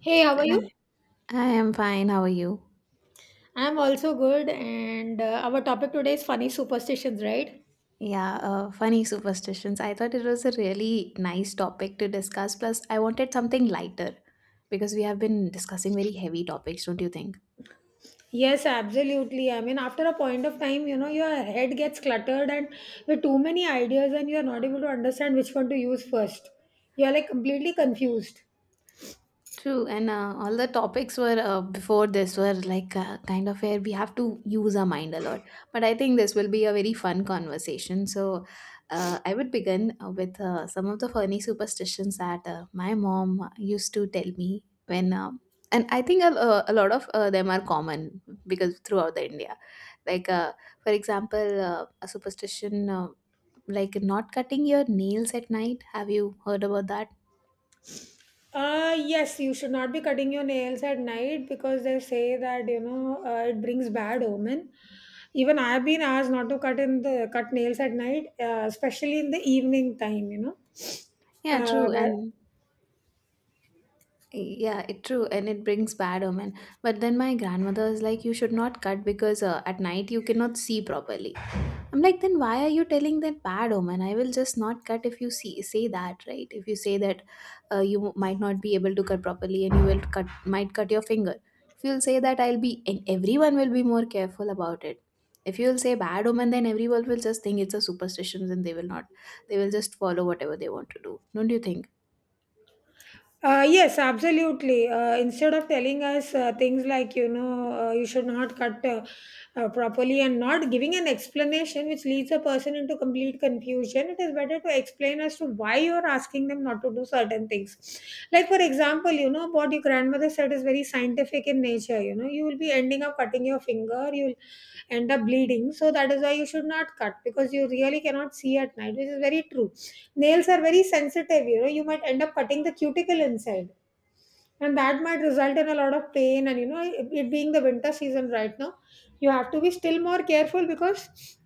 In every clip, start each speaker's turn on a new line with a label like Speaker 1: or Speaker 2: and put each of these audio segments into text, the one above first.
Speaker 1: Hey, how are you?
Speaker 2: Hi. I am fine. How are you?
Speaker 1: I'm also good, and our topic today is funny superstitions, right?
Speaker 2: Yeah, funny superstitions. I thought it was a really nice topic to discuss. Plus, I wanted something lighter because we have been discussing very heavy topics, don't you think?
Speaker 1: Yes, absolutely. I mean, after a point of time, your head gets cluttered and with too many ideas, and you're not able to understand which one to use first. You're like completely confused.
Speaker 2: True, and all the topics were before this were like kind of where we have to use our mind a lot. But I think this will be a very fun conversation. So I would begin with some of the funny superstitions that my mom used to tell me when, and I think a lot of them are common because throughout the India, like for example, a superstition like not cutting your nails at night. Have you heard about that?
Speaker 1: Yes, you should not be cutting your nails at night because they say that, it brings bad omen. Even I have been asked not to cut in the cut nails at night, especially in the evening time.
Speaker 2: Yeah,
Speaker 1: Uh,
Speaker 2: true,
Speaker 1: where-
Speaker 2: and yeah, it true, and it brings bad omen. But then my grandmother is like, you should not cut because at night you cannot see properly. I'm like, then why are you telling that bad omen? I will just not cut if you see say that, right? If you say that you might not be able to cut properly and you will cut might cut your finger. If you'll say that, I'll be and everyone will be more careful about it. If you'll say bad omen, then everyone will just think it's a superstition and they will not. They will just follow whatever they want to do. Don't you think?
Speaker 1: yes, absolutely. Instead of telling us things like, you should not cut properly and not giving an explanation which leads a person into complete confusion, it is better to explain as to why you're asking them not to do certain things. Like, for example, what your grandmother said is very scientific in nature. You know, you will be ending up cutting your finger, you'll end up bleeding. So, that is why you should not cut because you really cannot see at night, which is very true. Nails are very sensitive, you might end up cutting the cuticle inside. And that might result in a lot of pain. And, you know, it being the winter season right now, you have to be still more careful because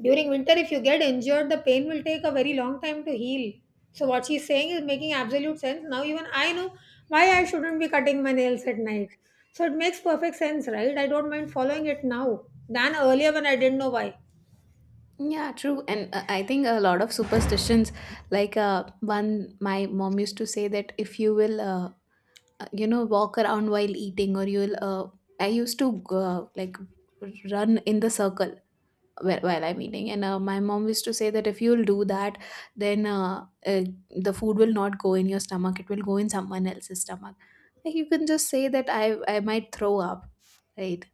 Speaker 1: during winter, if you get injured, the pain will take a very long time to heal. So, what she's saying is making absolute sense. Now, even I know why I shouldn't be cutting my nails at night. So, it makes perfect sense, right? I don't mind following it now than earlier when I didn't know why.
Speaker 2: Yeah, true. And I think a lot of superstitions, like one, my mom used to say that if you will, walk around while eating, or you'll, I used to like run in the circle while I'm eating. And my mom used to say that if you'll do that, then the food will not go in your stomach, it will go in someone else's stomach. Like you can just say that I might throw up, right?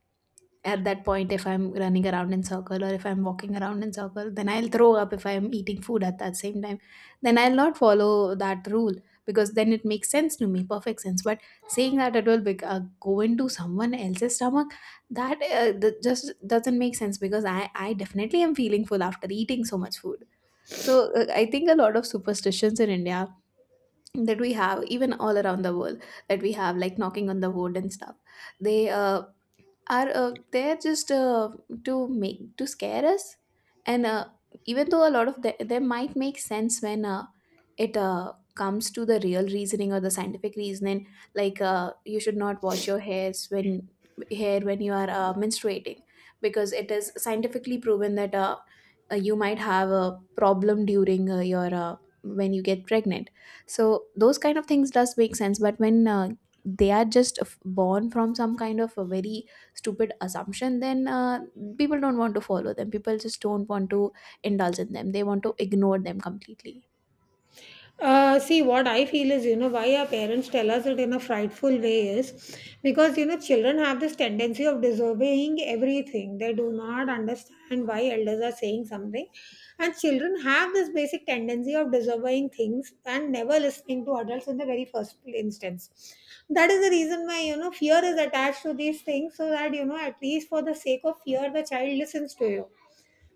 Speaker 2: At that point if I'm running around in circle or if I'm walking around in circle, then I'll throw up. If I'm eating food at that same time, then I'll not follow that rule because then it makes sense to me, perfect sense. But saying that it will go into someone else's stomach, that just doesn't make sense because I definitely am feeling full after eating so much food. So I think a lot of superstitions in India that we have, even all around the world, that we have, like knocking on the wood and stuff. They are there just to make to scare us, and even though a lot of them might make sense when it comes to the real reasoning or the scientific reasoning. Like you should not wash your hair when you are menstruating because it is scientifically proven that you might have a problem during your when you get pregnant. So those kind of things does make sense. But when they are just born from some kind of a very stupid assumption, then people don't want to follow them. People just don't want to indulge in them. They want to ignore them completely.
Speaker 1: See, what I feel is, you know, why our parents tell us it in a frightful way is because, you know, children have this tendency of disobeying everything. They do not understand why elders are saying something. And children have this basic tendency of disobeying things and never listening to adults in the very first instance. That is the reason why, you know, fear is attached to these things so that, you know, at least for the sake of fear, the child listens to you.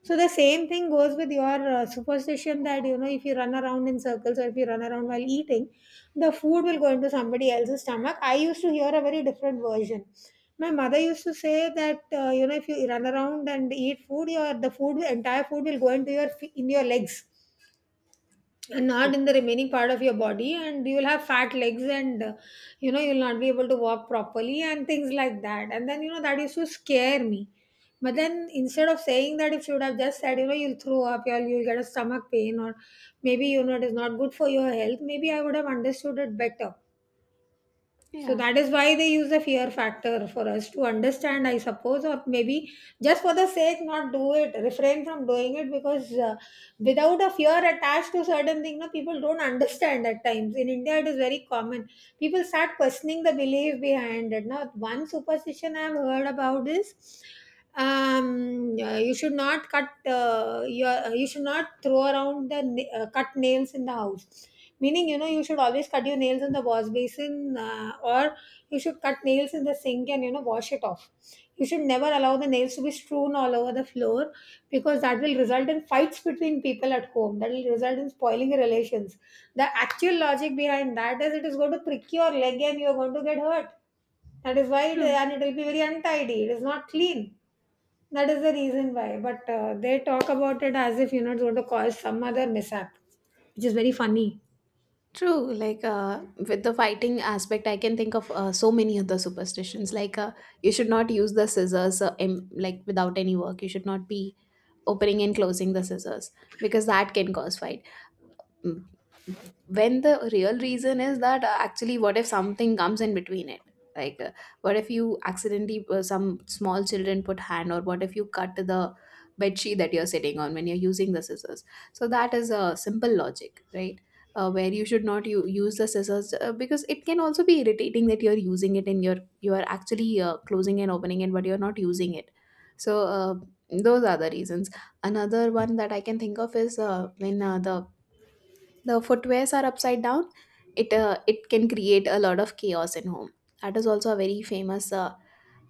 Speaker 1: So the same thing goes with your superstition that, you know, if you run around in circles or if you run around while eating, the food will go into somebody else's stomach. I used to hear a very different version. My mother used to say that you know, if you run around and eat food, your the food, entire food will go into your in your legs and not in the remaining part of your body, and you will have fat legs and, you know, you'll not be able to walk properly and things like that. And then, you know, that used to scare me. But then instead of saying that, if you would have just said, you know, you'll throw up or you'll get a stomach pain, or maybe, you know, it is not good for your health, maybe I would have understood it better. So
Speaker 2: Yeah.
Speaker 1: that is why they use the fear factor for us to understand, I suppose, or maybe just for the sake, not do it, refrain from doing it because, without a fear attached to certain thing, no, people don't understand at times. In India, it is very common. People start questioning the belief behind it. Now, one superstition I have heard about is you should not cut you should not throw around the cut nails in the house. Meaning, you know, you should always cut your nails in the wash basin, or you should cut nails in the sink and, you know, wash it off. You should never allow the nails to be strewn all over the floor because that will result in fights between people at home. That will result in spoiling relations. The actual logic behind that is it is going to prick your leg and you're going to get hurt. That is why, it,
Speaker 2: True.
Speaker 1: and it will be very untidy. It is not clean. That is the reason why. But they talk about it as if, you know, it's going to cause some other mishap, which is very funny.
Speaker 2: True. Like with the fighting aspect, I can think of so many other superstitions. Like you should not use the scissors like without any work. You should not be opening and closing the scissors because that can cause fight. Mm, when the real reason is that actually what if something comes in between it, like what if you accidentally some small children put hand, or what if you cut the bed sheet that you're sitting on when you're using the scissors? So that is a simple logic, right? Uh, where you should not use the scissors because it can also be irritating that you're using it and you are actually closing and opening it but you're not using it. So those are the reasons. Another one that I can think of is when the footwears are upside down, it can create a lot of chaos in home. That is also a very famous uh,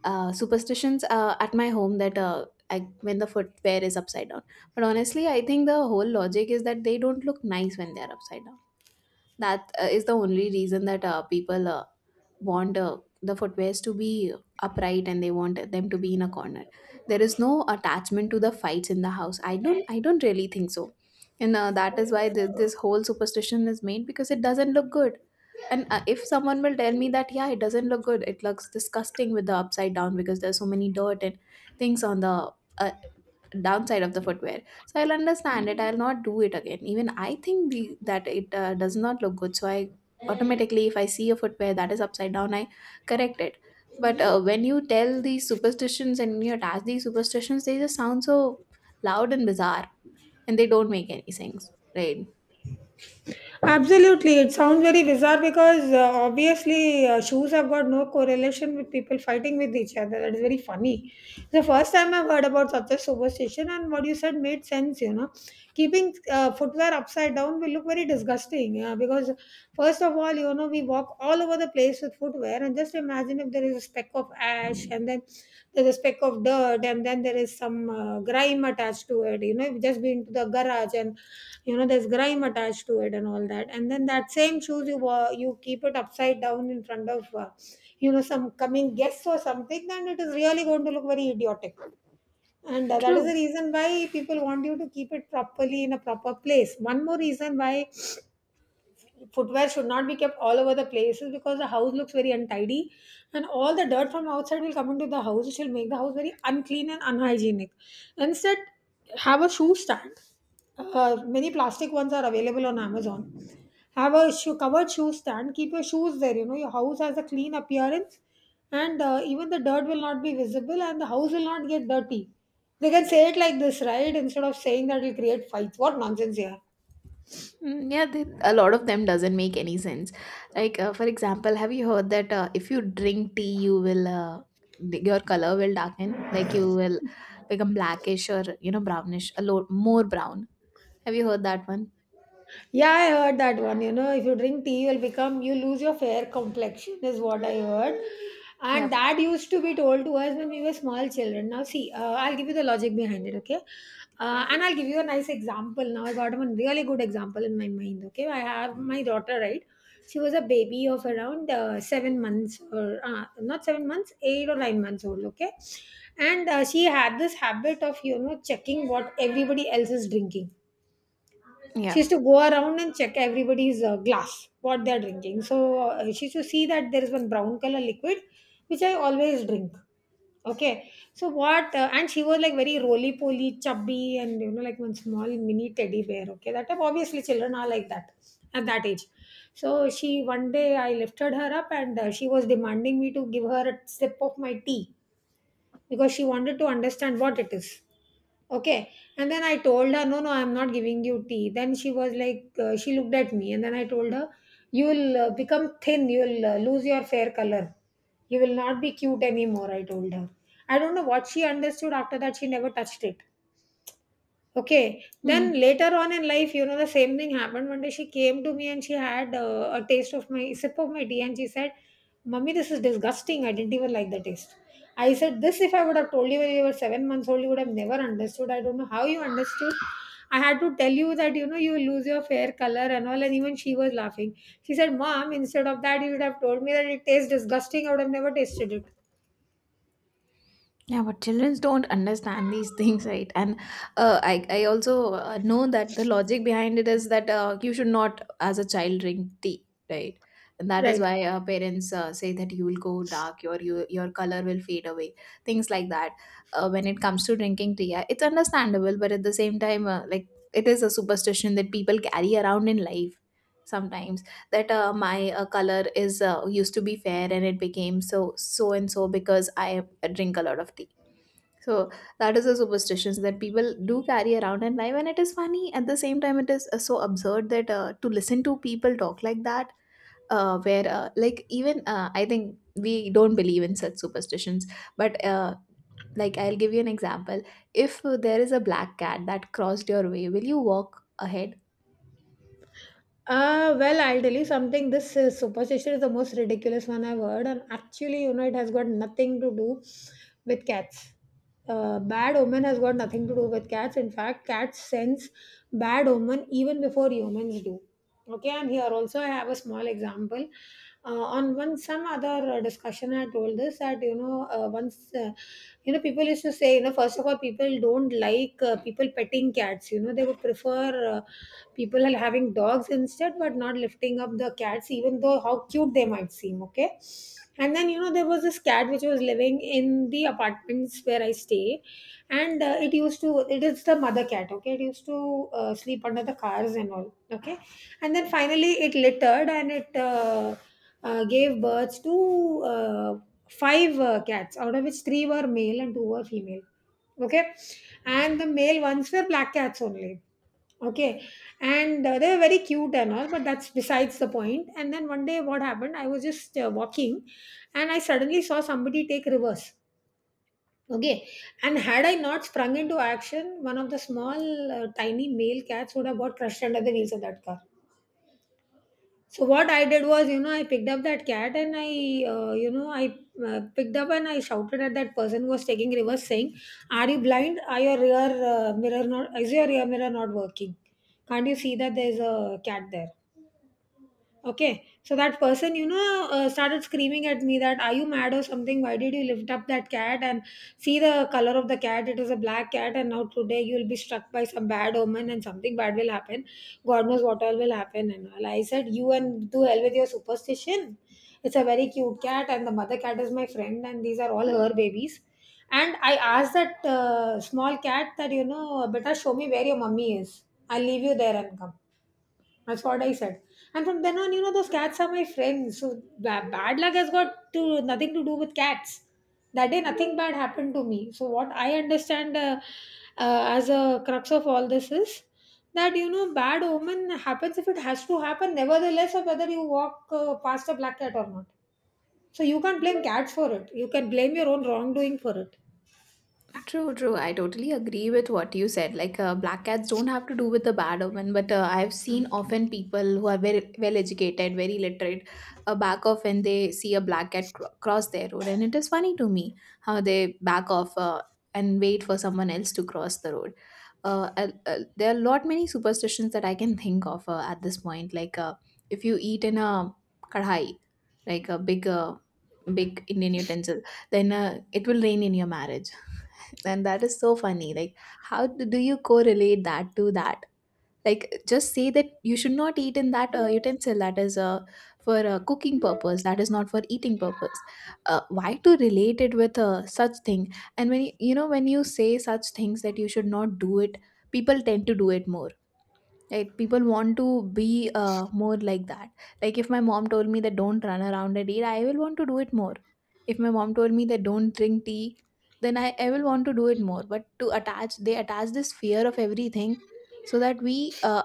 Speaker 2: uh, superstitions at my home, that when the footwear is upside down. But honestly, I think the whole logic is that they don't look nice when they are upside down. That is the only reason that people want the footwears to be upright and they want them to be in a corner. There is no attachment to the fights in the house. I don't I don't really think so. And that is why this whole superstition is made because it doesn't look good. And if someone will tell me that yeah, it doesn't look good, it looks disgusting with the upside down because there's so many dirt and things on the uh, downside of the footwear, so I'll understand it, I'll not do it again. Even I think the that it does not look good, so I automatically, if I see a footwear that is upside down, I correct it. But when you tell these superstitions and you attach these superstitions, they just sound so loud and bizarre, and they don't make any sense, right?
Speaker 1: Absolutely. It sounds very bizarre because obviously shoes have got no correlation with people fighting with each other. That is very funny. The first time I've heard about such a superstition, and what you said made sense. You know, keeping footwear upside down will look very disgusting. Yeah, because first of all, you know, we walk all over the place with footwear, and just imagine if there is a speck of ash, and then there's a speck of dirt, and then there is some grime attached to it. You know, you've just been to the garage, and you know there's grime attached to it, and all that. And then that same shoes you you keep it upside down in front of, you know, some coming guests or something, then it is really going to look very idiotic. And that is the
Speaker 2: True.
Speaker 1: reason why people want you to keep it properly in a proper place. One more reason why footwear should not be kept all over the places because the house looks very untidy, and all the dirt from outside will come into the house, which will make the house very unclean and unhygienic. Instead, have a shoe stand. Many plastic ones are available on Amazon. Have a shoe, covered shoe stand, keep your shoes there, you know your house has a clean appearance. And even the dirt will not be visible and the house will not get dirty. They can say it like this, right? Instead of saying that it'll create fights, what nonsense here.
Speaker 2: Mm, yeah, they, a lot of them doesn't make any sense. Like for example, have you heard that if you drink tea, you will your color will darken, like you will become blackish, or you know, brownish, a lot more brown. Have you heard that one?
Speaker 1: Yeah, I heard that one. You know, if you drink tea, you'll become, you lose your fair complexion, is what I heard. And
Speaker 2: Yep.
Speaker 1: that used to be told to us when we were small children. Now, see, I'll give you the logic behind it, okay?
Speaker 2: Yeah.
Speaker 1: And I'll give you a nice example. Now, I got one really good example in my mind, okay? I have my daughter, right? She was a baby of around 7 months, or not 7 months, 8 or 9 months old, okay? And she had this habit of, you know, checking what everybody else is drinking. She
Speaker 2: Yeah.
Speaker 1: used to go around and check everybody's glass, what they're drinking. So she used to see that there is one brown color liquid, which I always drink. Okay. So what? And she was like very roly poly, chubby, and, you know, like one small mini teddy bear. Okay. That type, obviously, children are like that at that age. So she, one day I lifted her up and she was demanding me to give her a sip of my tea because she wanted to understand what it is. Okay. And then I told her, no, no, I'm not giving you tea. Then she was like, she looked at me, and then I told her, you will become thin, you will lose your fair color. You will not be cute anymore, I told her. I don't know what she understood after that, she never touched it. Okay.
Speaker 2: Hmm.
Speaker 1: Then later on in life, you know, the same thing happened. One day she came to me and she had a taste of my sip of my tea and she said, "Mummy, this is disgusting. I didn't even like the taste." I said, "This, if I would have told you when you were 7 months old, you would have never understood. I don't know how you understood. I had to tell you that, you know, you will lose your fair color and all." And even she was laughing. She said, "Mom, instead of that, you would have told me that it tastes disgusting. I would have never tasted it."
Speaker 2: Yeah, but children don't understand these things, right? And I also know that the logic behind it is that you should not, as a child, drink tea, right? And that is
Speaker 1: Right.
Speaker 2: why parents say that you will go dark, your color will fade away, things like that. When it comes to drinking tea, it's understandable, but at the same time, like, it is a superstition that people carry around in life sometimes. That my color is used to be fair, and it became so so and so because I drink a lot of tea. So that is a superstitions that people do carry around in life, and it is funny at the same time. It is so absurd that to listen to people talk like that, where like even I think we don't believe in such superstitions, but like, I'll give you an example. If there is a black cat that crossed your way, will you walk ahead?
Speaker 1: Well, I'll tell you something. This superstition is the most ridiculous one I've heard, and actually, you know, it has got nothing to do with cats. Bad omen has got nothing to do with cats. In fact, cats sense bad omen even before humans do. Okay, and here also I have a small example. On one some other discussion, I told this that, you know, once, you know, people used to say, you know, first of all, people don't like people petting cats. You know, they would prefer people are having dogs instead, but not lifting up the cats, even though how cute they might seem. Okay. And then, you know, there was this cat which was living in the apartments where I stay. And it is the mother cat, okay? It used to sleep under the cars and all, okay? And then finally it littered and it gave birth to five cats, out of which three were male and two were female. Okay, and the male ones were black cats only. Okay, and they were very cute and all, but that's besides the point. And then one day, what happened? I was just walking, and I suddenly saw somebody take reverse. Okay, and had I not sprung into action, one of the small, tiny male cats would have got crushed under the wheels of that car. So what I did was, you know, I picked up that cat and I picked up and I shouted at that person who was taking reverse, saying, "Are you blind? Are your rear mirror not? Is your rear mirror not working? Can't you see that there's a cat there?" Okay, so that person, you know, started screaming at me that, "Are you mad or something? Why did you lift up that cat and see the color of the cat? It is a black cat, and now today you will be struck by some bad omen and something bad will happen. God knows what all will happen. And all." I said, "You, and to hell with your superstition. It's a very cute cat, and the mother cat is my friend, and these are all her babies." And I asked that small cat that, you know, "Better show me where your mummy is. I'll leave you there and come," that's what I said. And from then on, you know, those cats are my friends. So bad luck has got to nothing to do with cats. That day, nothing bad happened to me. So what I understand as a crux of all this is that, you know, bad omen happens if it has to happen, nevertheless, of whether you walk past a black cat or not. So you can't blame cats for it. You can blame your own wrongdoing for it.
Speaker 2: True, true. I totally agree with what you said. Like, black cats don't have to do with the bad omen, but I've seen often people who are very well educated, very literate, back off when they see a black cat cross their road. And it is funny to me how they back off and wait for someone else to cross the road. There are a lot many superstitions that I can think of at this point. Like, if you eat in a kadhai, like a big big Indian utensil, then it will rain in your marriage. And that is so funny. Like, how do you correlate that to that? Like, just say that you should not eat in that utensil that is for cooking purpose, that is not for eating purpose. Why to relate it with such thing? And when you know, when you say such things that you should not do it, people tend to do it more, like people want to be more like that. Like if my mom told me that don't run around and eat, I will want to do it more. If my mom told me that don't drink tea, then I will want to do it more. But to attach, they attach this fear of everything so that we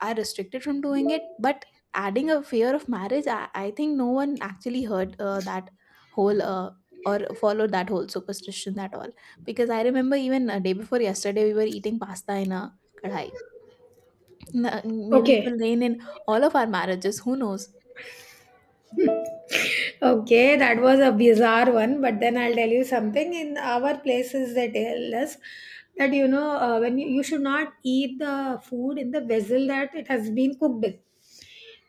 Speaker 2: are restricted from doing it. But adding a fear of marriage, I think no one actually heard that whole or followed that whole superstition that all. Because I remember even a day before yesterday, we were eating pasta in a kadhai. Maybe it
Speaker 1: Okay.
Speaker 2: will rain in all of our marriages. Who knows?
Speaker 1: Okay, that was a bizarre one, but then I'll tell you something. In our places, they tell us that, you know, when you should not eat the food in the vessel that it has been cooked in,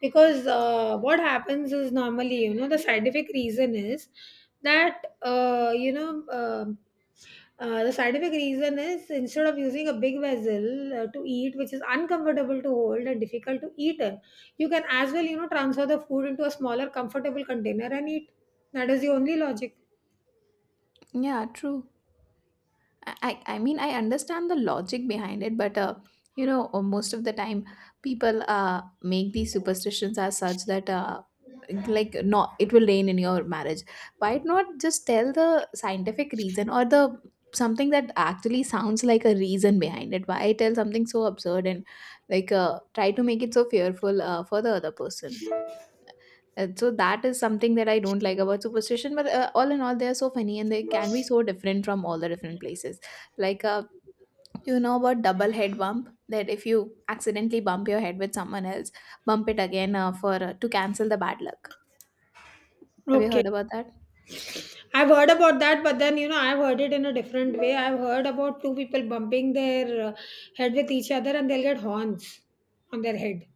Speaker 1: because what happens is normally, you know, the scientific reason is that, you know, the scientific reason is instead of using a big vessel to eat, which is uncomfortable to hold and difficult to eat in, you can as well, you know, transfer the food into a smaller, comfortable container and eat. That is the only logic.
Speaker 2: Yeah, true. I mean, I understand the logic behind it, but you know, most of the time, people make these superstitions as such that like no, it will rain in your marriage. Why not just tell the scientific reason or the something that actually sounds like a reason behind it? Why tell something so absurd and try to make it so fearful for the other person? And so that is something that I don't like about superstition. But all in all, they are so funny and they can be so different from all the different places. Like, uh, you know about double head bump? That if you accidentally bump your head with someone else, bump it again for to cancel the bad luck. Have you
Speaker 1: Okay.
Speaker 2: heard about that?
Speaker 1: I've heard about that, but then, you know, I've heard it in a different way. I've heard about two people bumping their head with each other and they'll get horns on their head.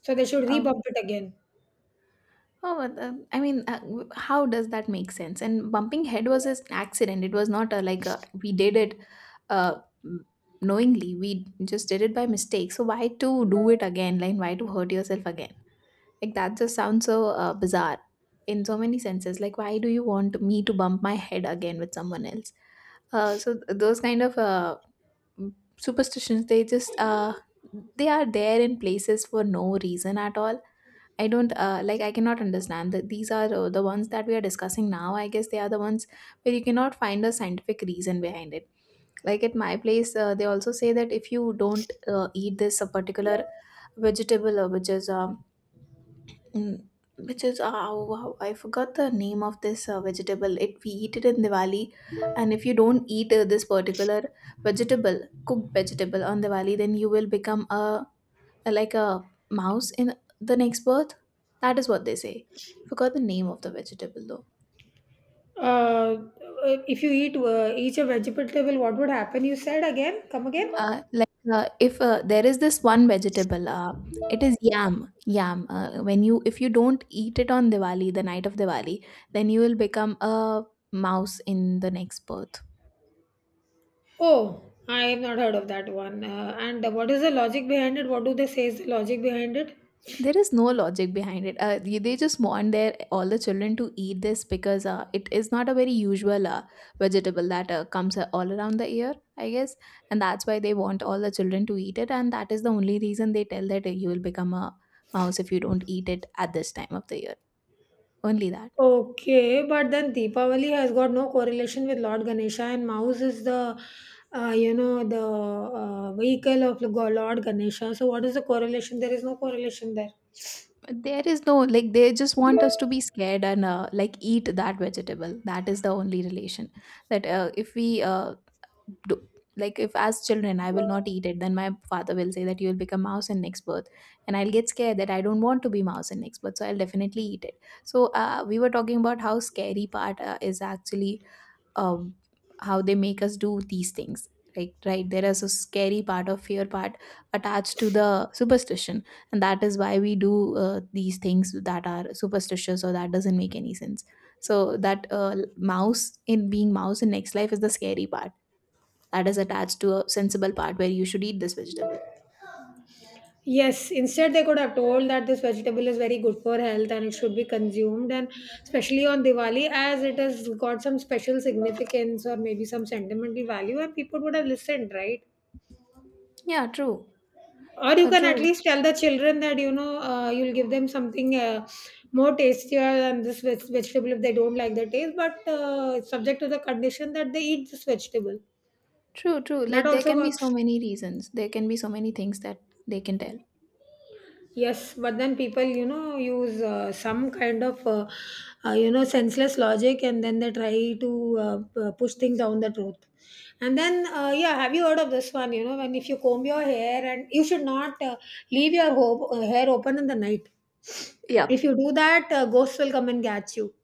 Speaker 1: So they should
Speaker 2: Um,
Speaker 1: re-bump it again.
Speaker 2: oh, but, I mean, w- How does that make sense? And bumping head was an accident. It was not a, like a, we did it uh, m- knowingly. We just did it by mistake. So why to do it again? Like, why to hurt yourself again? Like that just sounds so bizarre in so many senses. Like, why do you want me to bump my head again with someone else? Those kind of superstitions, they are there in places for no reason at all. I don't like. I cannot understand that these are the ones that we are discussing now. I guess they are the ones where you cannot find a scientific reason behind it. Like at my place, they also say that if you don't eat this particular vegetable, which is Mm, which is oh, wow, I forgot the name of this vegetable. It we eat it in Diwali, and if you don't eat this particular vegetable, cooked vegetable on Diwali, then you will become a like a mouse in the next birth. That is what they say. I forgot the name of the vegetable though.
Speaker 1: Uh, if you eat each a vegetable, what would happen? You said again? Come again?
Speaker 2: Like if There is this one vegetable, it is yam. Yam. When you if you don't eat it on Diwali, the night of Diwali, then you will become a mouse in the next birth.
Speaker 1: Oh, I have not heard of that one. And what is the logic behind it? What do they say is the logic behind it?
Speaker 2: There is no logic behind it. They just want their all the children to eat this because it is not a very usual vegetable that comes all around the year, I guess, and that's why they want all the children to eat it, and that is the only reason they tell that you will become a mouse if you don't eat it at this time of the year. Only that.
Speaker 1: Okay, but then Deepavali has got no correlation with Lord Ganesha, and mouse is the vehicle of Lord Ganesha. So what is the correlation? There is no correlation there.
Speaker 2: There is no like they just want us to be scared and eat that vegetable. That is the only relation. That if we uh, do like if as children I will not eat it, then my father will say that you will become mouse in next birth, and I'll get scared that I don't want to be mouse in next birth, so I'll definitely eat it. So we were talking about how scary part is actually um, how they make us do these things. Right, right, there is a scary part of fear part attached to the superstition, and that is why we do these things that are superstitious or that doesn't make any sense. So that mouse in being mouse in next life is the scary part that is attached to a sensible part where you should eat this vegetable.
Speaker 1: Yes, instead they could have told that this vegetable is very good for health and it should be consumed, and especially on Diwali, as it has got some special significance or maybe some sentimental value, and people would have listened, right?
Speaker 2: Yeah, true.
Speaker 1: Or you can at
Speaker 2: True.
Speaker 1: least tell the children that, you know, you'll give them something more tastier than this vegetable if they don't like the taste, but it's subject to the condition that they eat this vegetable.
Speaker 2: True, true.
Speaker 1: That
Speaker 2: Like there
Speaker 1: also
Speaker 2: can be so
Speaker 1: works.
Speaker 2: many reasons. There can be so many things that they can tell.
Speaker 1: Yes, but then people, you know, use some kind of, you know, senseless logic and then they try to push things down the truth. And then, yeah, have you heard of this one? You know, when if you comb your hair and you should not leave your hair open in the night.
Speaker 2: Yeah.
Speaker 1: If you do that, ghosts will come and catch you.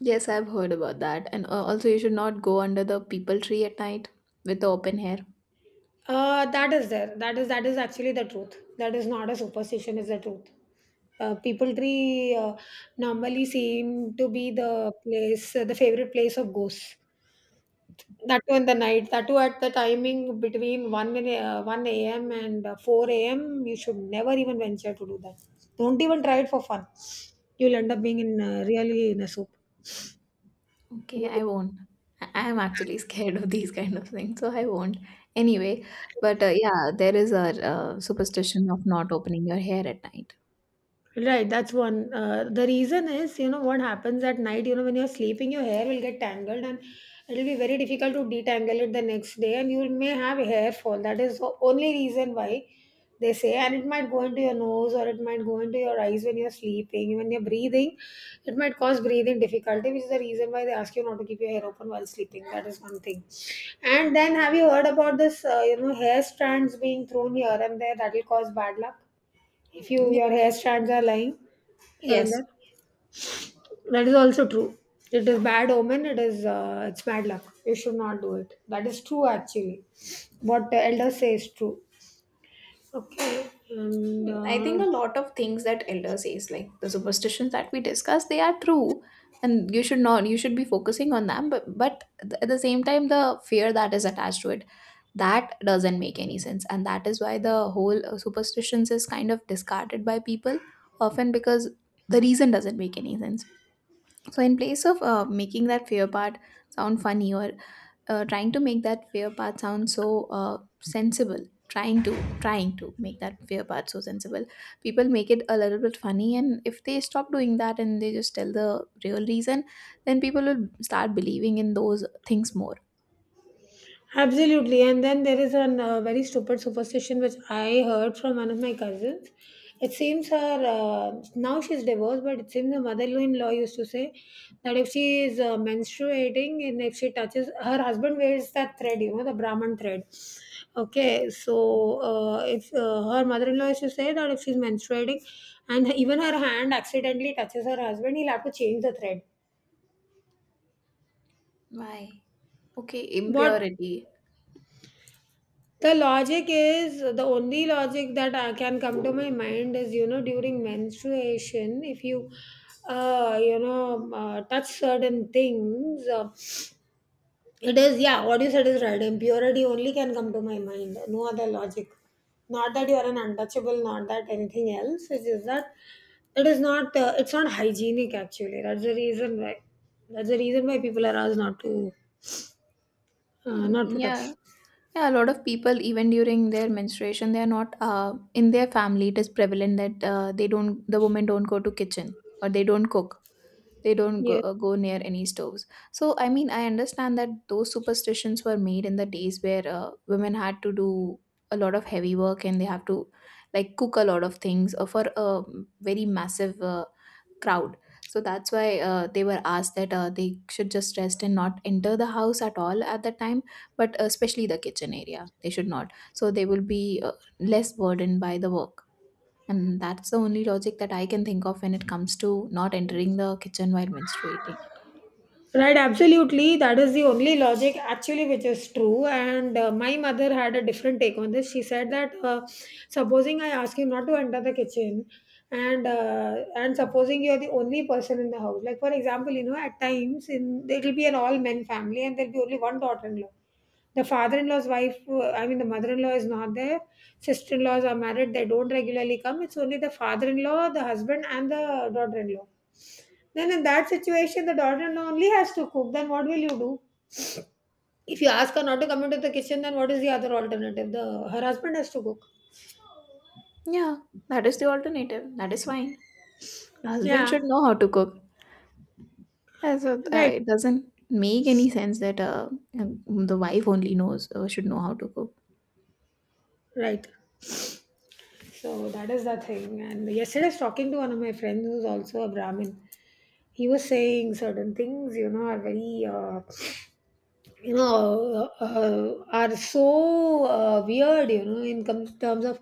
Speaker 2: Yes, I've heard about that. And also you should not go under the people tree at night with the open hair.
Speaker 1: That is there. That is actually the truth. That is not a superstition. Is the truth. People tree normally seem to be the place, the favorite place of ghosts. That too in the night. That too at the timing between one a.m. and four a.m. You should never even venture to do that. Don't even try it for fun. You'll end up being in really in a soup.
Speaker 2: Okay, I won't. I am actually scared of these kind of things, so I won't. Anyway, but yeah, there is a superstition of not opening your hair at night.
Speaker 1: Right, that's one. The reason is, you know, what happens at night, you know, when you're sleeping, your hair will get tangled and it'll be very difficult to detangle it the next day, and you may have hair fall. That is the only reason why they say, and it might go into your nose or it might go into your eyes when you're sleeping. When you're breathing, it might cause breathing difficulty, which is the reason why they ask you not to keep your hair open while sleeping. That is one thing. And then, have you heard about this, you know, hair strands being thrown here and there that will cause bad luck? If you
Speaker 2: Y-
Speaker 1: your hair strands are lying here and
Speaker 2: Yes,
Speaker 1: there, that is also true. It is bad omen. It's bad luck. You should not do it. That is true actually. What the elder says is true. Okay. and
Speaker 2: I think a lot of things that elder says, like the superstitions that we discuss, they are true, and you should not you should be focusing on them. But at the same time, the fear that is attached to it, that doesn't make any sense, and that is why the whole superstitions is kind of discarded by people often because the reason doesn't make any sense. So, in place of making that fear part sound funny or trying to make that fear part sound so sensible, trying to make that fear part so sensible, people make it a little bit funny. And if they stop doing that and they just tell the real reason, then people will start believing in those things more.
Speaker 1: Absolutely. And then there is a very stupid superstition which I heard from one of my cousins. It seems her, now she's divorced, but it seems her mother in law used to say that if she is menstruating and if she touches, her husband wears that thread, you know, the Brahman thread. Okay, so if her mother in law used to say that if she's menstruating and even her hand accidentally touches her husband, he'll have to change the thread.
Speaker 2: Why? Okay,
Speaker 1: What?
Speaker 2: impurity.
Speaker 1: The logic, is the only logic that I can come to my mind is, you know, during menstruation, if you you know touch certain things, it is, yeah, what you said is right, impurity only can come to my mind, no other logic. Not that you are an untouchable, not that anything else. It's just that it is not it's not hygienic actually. That's the reason why people are asked not to, uh,
Speaker 2: Mm.
Speaker 1: not to touch.
Speaker 2: Yeah. Yeah, a lot of people, even during their menstruation, they are not in their family. It is prevalent that they don't, the women don't go to kitchen or they don't cook. They don't go,
Speaker 1: Yes.
Speaker 2: go near any stoves. So, I mean, I understand that those superstitions were made in the days where women had to do a lot of heavy work and they have to like cook a lot of things for a very massive crowd. So that's why they were asked that they should just rest and not enter the house at all at that time, but especially the kitchen area. They should not. So they will be less burdened by the work. And that's the only logic that I can think of when it comes to not entering the kitchen while menstruating.
Speaker 1: Right, absolutely. That is the only logic actually which is true. And my mother had a different take on this. She said that supposing I ask him not to enter the kitchen, and supposing you are the only person in the house, like for example, you know, at times in it'll be an all men family, and there'll be only one daughter-in-law. The father-in-law's wife, I mean the mother-in-law is not there. Sister-in-laws are married; they don't regularly come. It's only the father-in-law, the husband, and the daughter-in-law. Then in that situation, the daughter-in-law only has to cook. Then what will you do? If you ask her not to come into the kitchen, then what is the other alternative? The her husband has to cook.
Speaker 2: Yeah, that is the alternative. That is fine. The husband
Speaker 1: Yeah.
Speaker 2: should know how to cook. Yeah, so
Speaker 1: Right.
Speaker 2: it doesn't make any sense that the wife only knows should know how to cook.
Speaker 1: Right. So that is the thing. And yesterday, I was talking to one of my friends who's also a Brahmin. He was saying certain things, you know, are very, you know, are so weird, you know, in terms of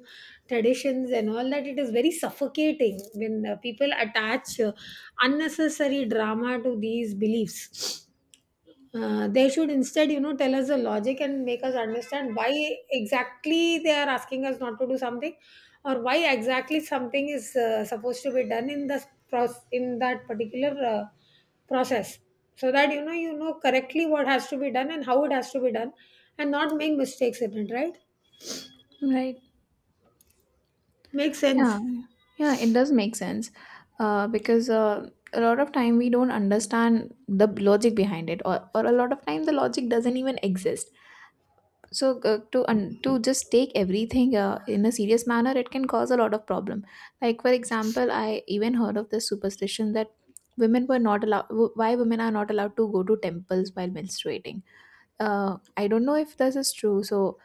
Speaker 1: traditions and all that. It is very suffocating when people attach unnecessary drama to these beliefs. They should instead, you know, tell us the logic and make us understand why exactly they are asking us not to do something, or why exactly something is supposed to be done in the process, in that particular process, so that you know, you know correctly what has to be done and how it has to be done, and not make mistakes in it. Right?
Speaker 2: Right.
Speaker 1: Makes
Speaker 2: Yeah,
Speaker 1: sense.
Speaker 2: yeah, it does make sense because a lot of time we don't understand the logic behind it, or a lot of time the logic doesn't even exist. So to just take everything in a serious manner, it can cause a lot of problem. Like for example, I even heard of this superstition that women were not allowed why women are not allowed to go to temples while menstruating. I don't know if this is true, so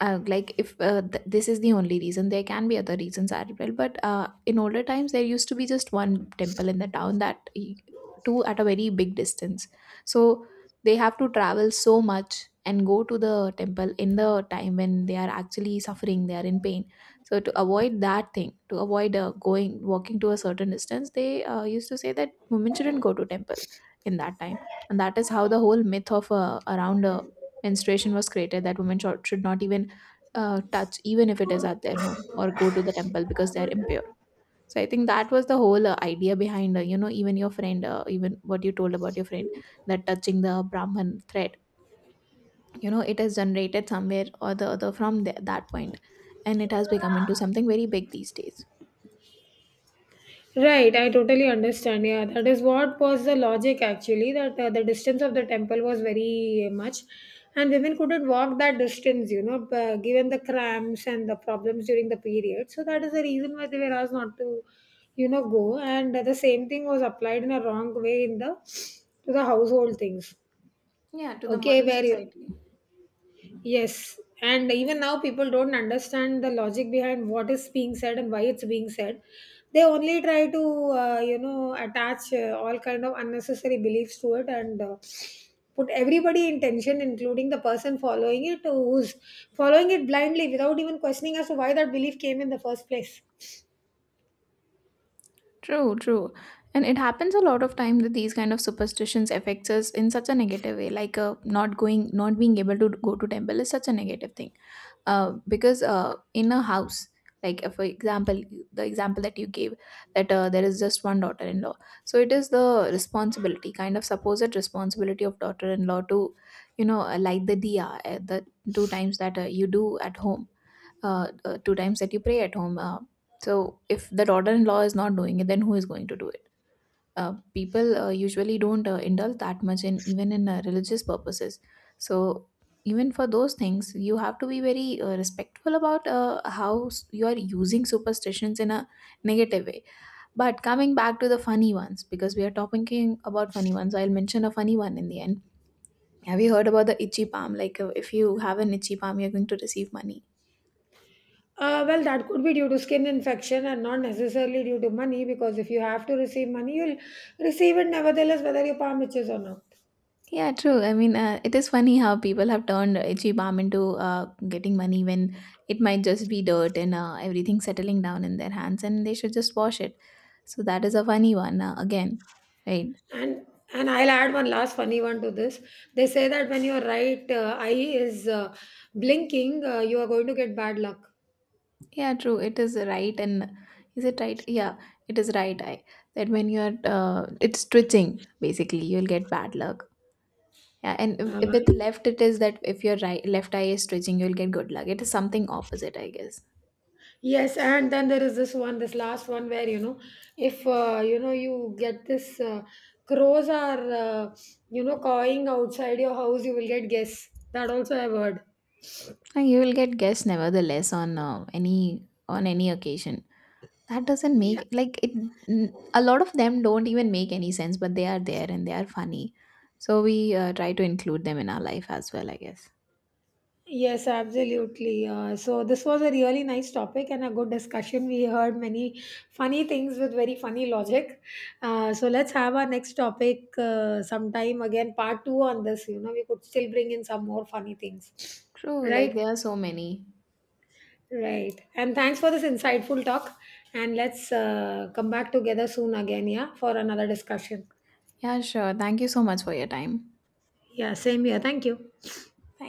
Speaker 2: like if th- this is the only reason, there can be other reasons as well, but in older times there used to be just one temple in the town that two at a very big distance. So they have to travel so much and go to the temple in the time when they are actually suffering, they are in pain. So to avoid that thing, to avoid going walking to a certain distance, they used to say that women shouldn't go to temple in that time, and that is how the whole myth of around menstruation was created, that women should not even touch, even if it is at their home, or go to the temple, because they're impure. So I think that was the whole idea behind, you know, even your friend, even what you told about your friend, that touching the brahman thread, you know, it has generated somewhere or the other from the, that point, and it has become into something very big these days.
Speaker 1: Right, I totally understand. Yeah, that is what was the logic actually, that the distance of the temple was very much, and women couldn't walk that distance, you know, given the cramps and the problems during the period. So, that is the reason why they were asked not to, you know, go. And the same thing was applied in a wrong way in the to the household things,
Speaker 2: Yeah, to the
Speaker 1: okay,
Speaker 2: modern
Speaker 1: where you.
Speaker 2: society.
Speaker 1: Yes, and even now people don't understand the logic behind what is being said and why it's being said. They only try to, you know, attach all kind of unnecessary beliefs to it and put everybody in tension, including the person following it who's following it blindly without even questioning as to why that belief came in the first place.
Speaker 2: True, true. And it happens a lot of time that these kind of superstitions affects us in such a negative way, like not going, not being able to go to temple is such a negative thing because in a house, like for example, the example that you gave, that there is just one daughter-in-law, so it is the responsibility, kind of supposed responsibility of daughter-in-law to, you know, light the diya, the two times that you do at home, two times that you pray at home. So if the daughter-in-law is not doing it, then who is going to do it? People usually don't indulge that much in even in religious purposes. So even for those things you have to be very respectful about you are using superstitions in a negative way. But coming back to the funny ones, because we are talking about funny ones, I'll mention a funny one in the end. Have you heard about the itchy palm? Like if you have an itchy palm, you're going to receive money.
Speaker 1: Well, that could be due to skin infection and not necessarily due to money, because if you have to receive money, you'll receive it nevertheless, whether your palm itches or not.
Speaker 2: Yeah, true. I mean, it is funny how people have turned itchy balm into getting money when it might just be dirt and everything settling down in their hands, and they should just wash it. So that is a funny one again, right?
Speaker 1: And I'll add one last funny one to this. They say that when your right eye is blinking, you are going to get bad luck.
Speaker 2: Yeah, true. It is right, and is it right? Yeah, it is right. I that when you're it's twitching basically, you'll get bad luck. Yeah, and if
Speaker 1: Uh,
Speaker 2: with left, it is that if your right left eye is twitching, you'll get good luck. It is something opposite, I guess.
Speaker 1: yes, and then there is this one, this last one where, you know, if you know, you get this, crows are, you know, cawing outside your house, you will get guess. That also I've heard.
Speaker 2: And you will get guests nevertheless on any occasion. That doesn't
Speaker 1: Yeah.
Speaker 2: make like it. A lot of them don't even make any sense, but they are there and they are funny. So we try to include them in our life as well, I guess.
Speaker 1: Yes, absolutely. So this was a really nice topic and a good discussion. We heard many funny things with very funny logic. So let's have our next topic sometime again, part two on this. You know, we could still bring in some more funny things.
Speaker 2: True, like
Speaker 1: Right?
Speaker 2: there are so many.
Speaker 1: Right. And thanks for this insightful talk. And let's come back together soon again, yeah, for another discussion.
Speaker 2: Yeah, sure. Thank you so much for your time.
Speaker 1: Yeah, same here. Thank you.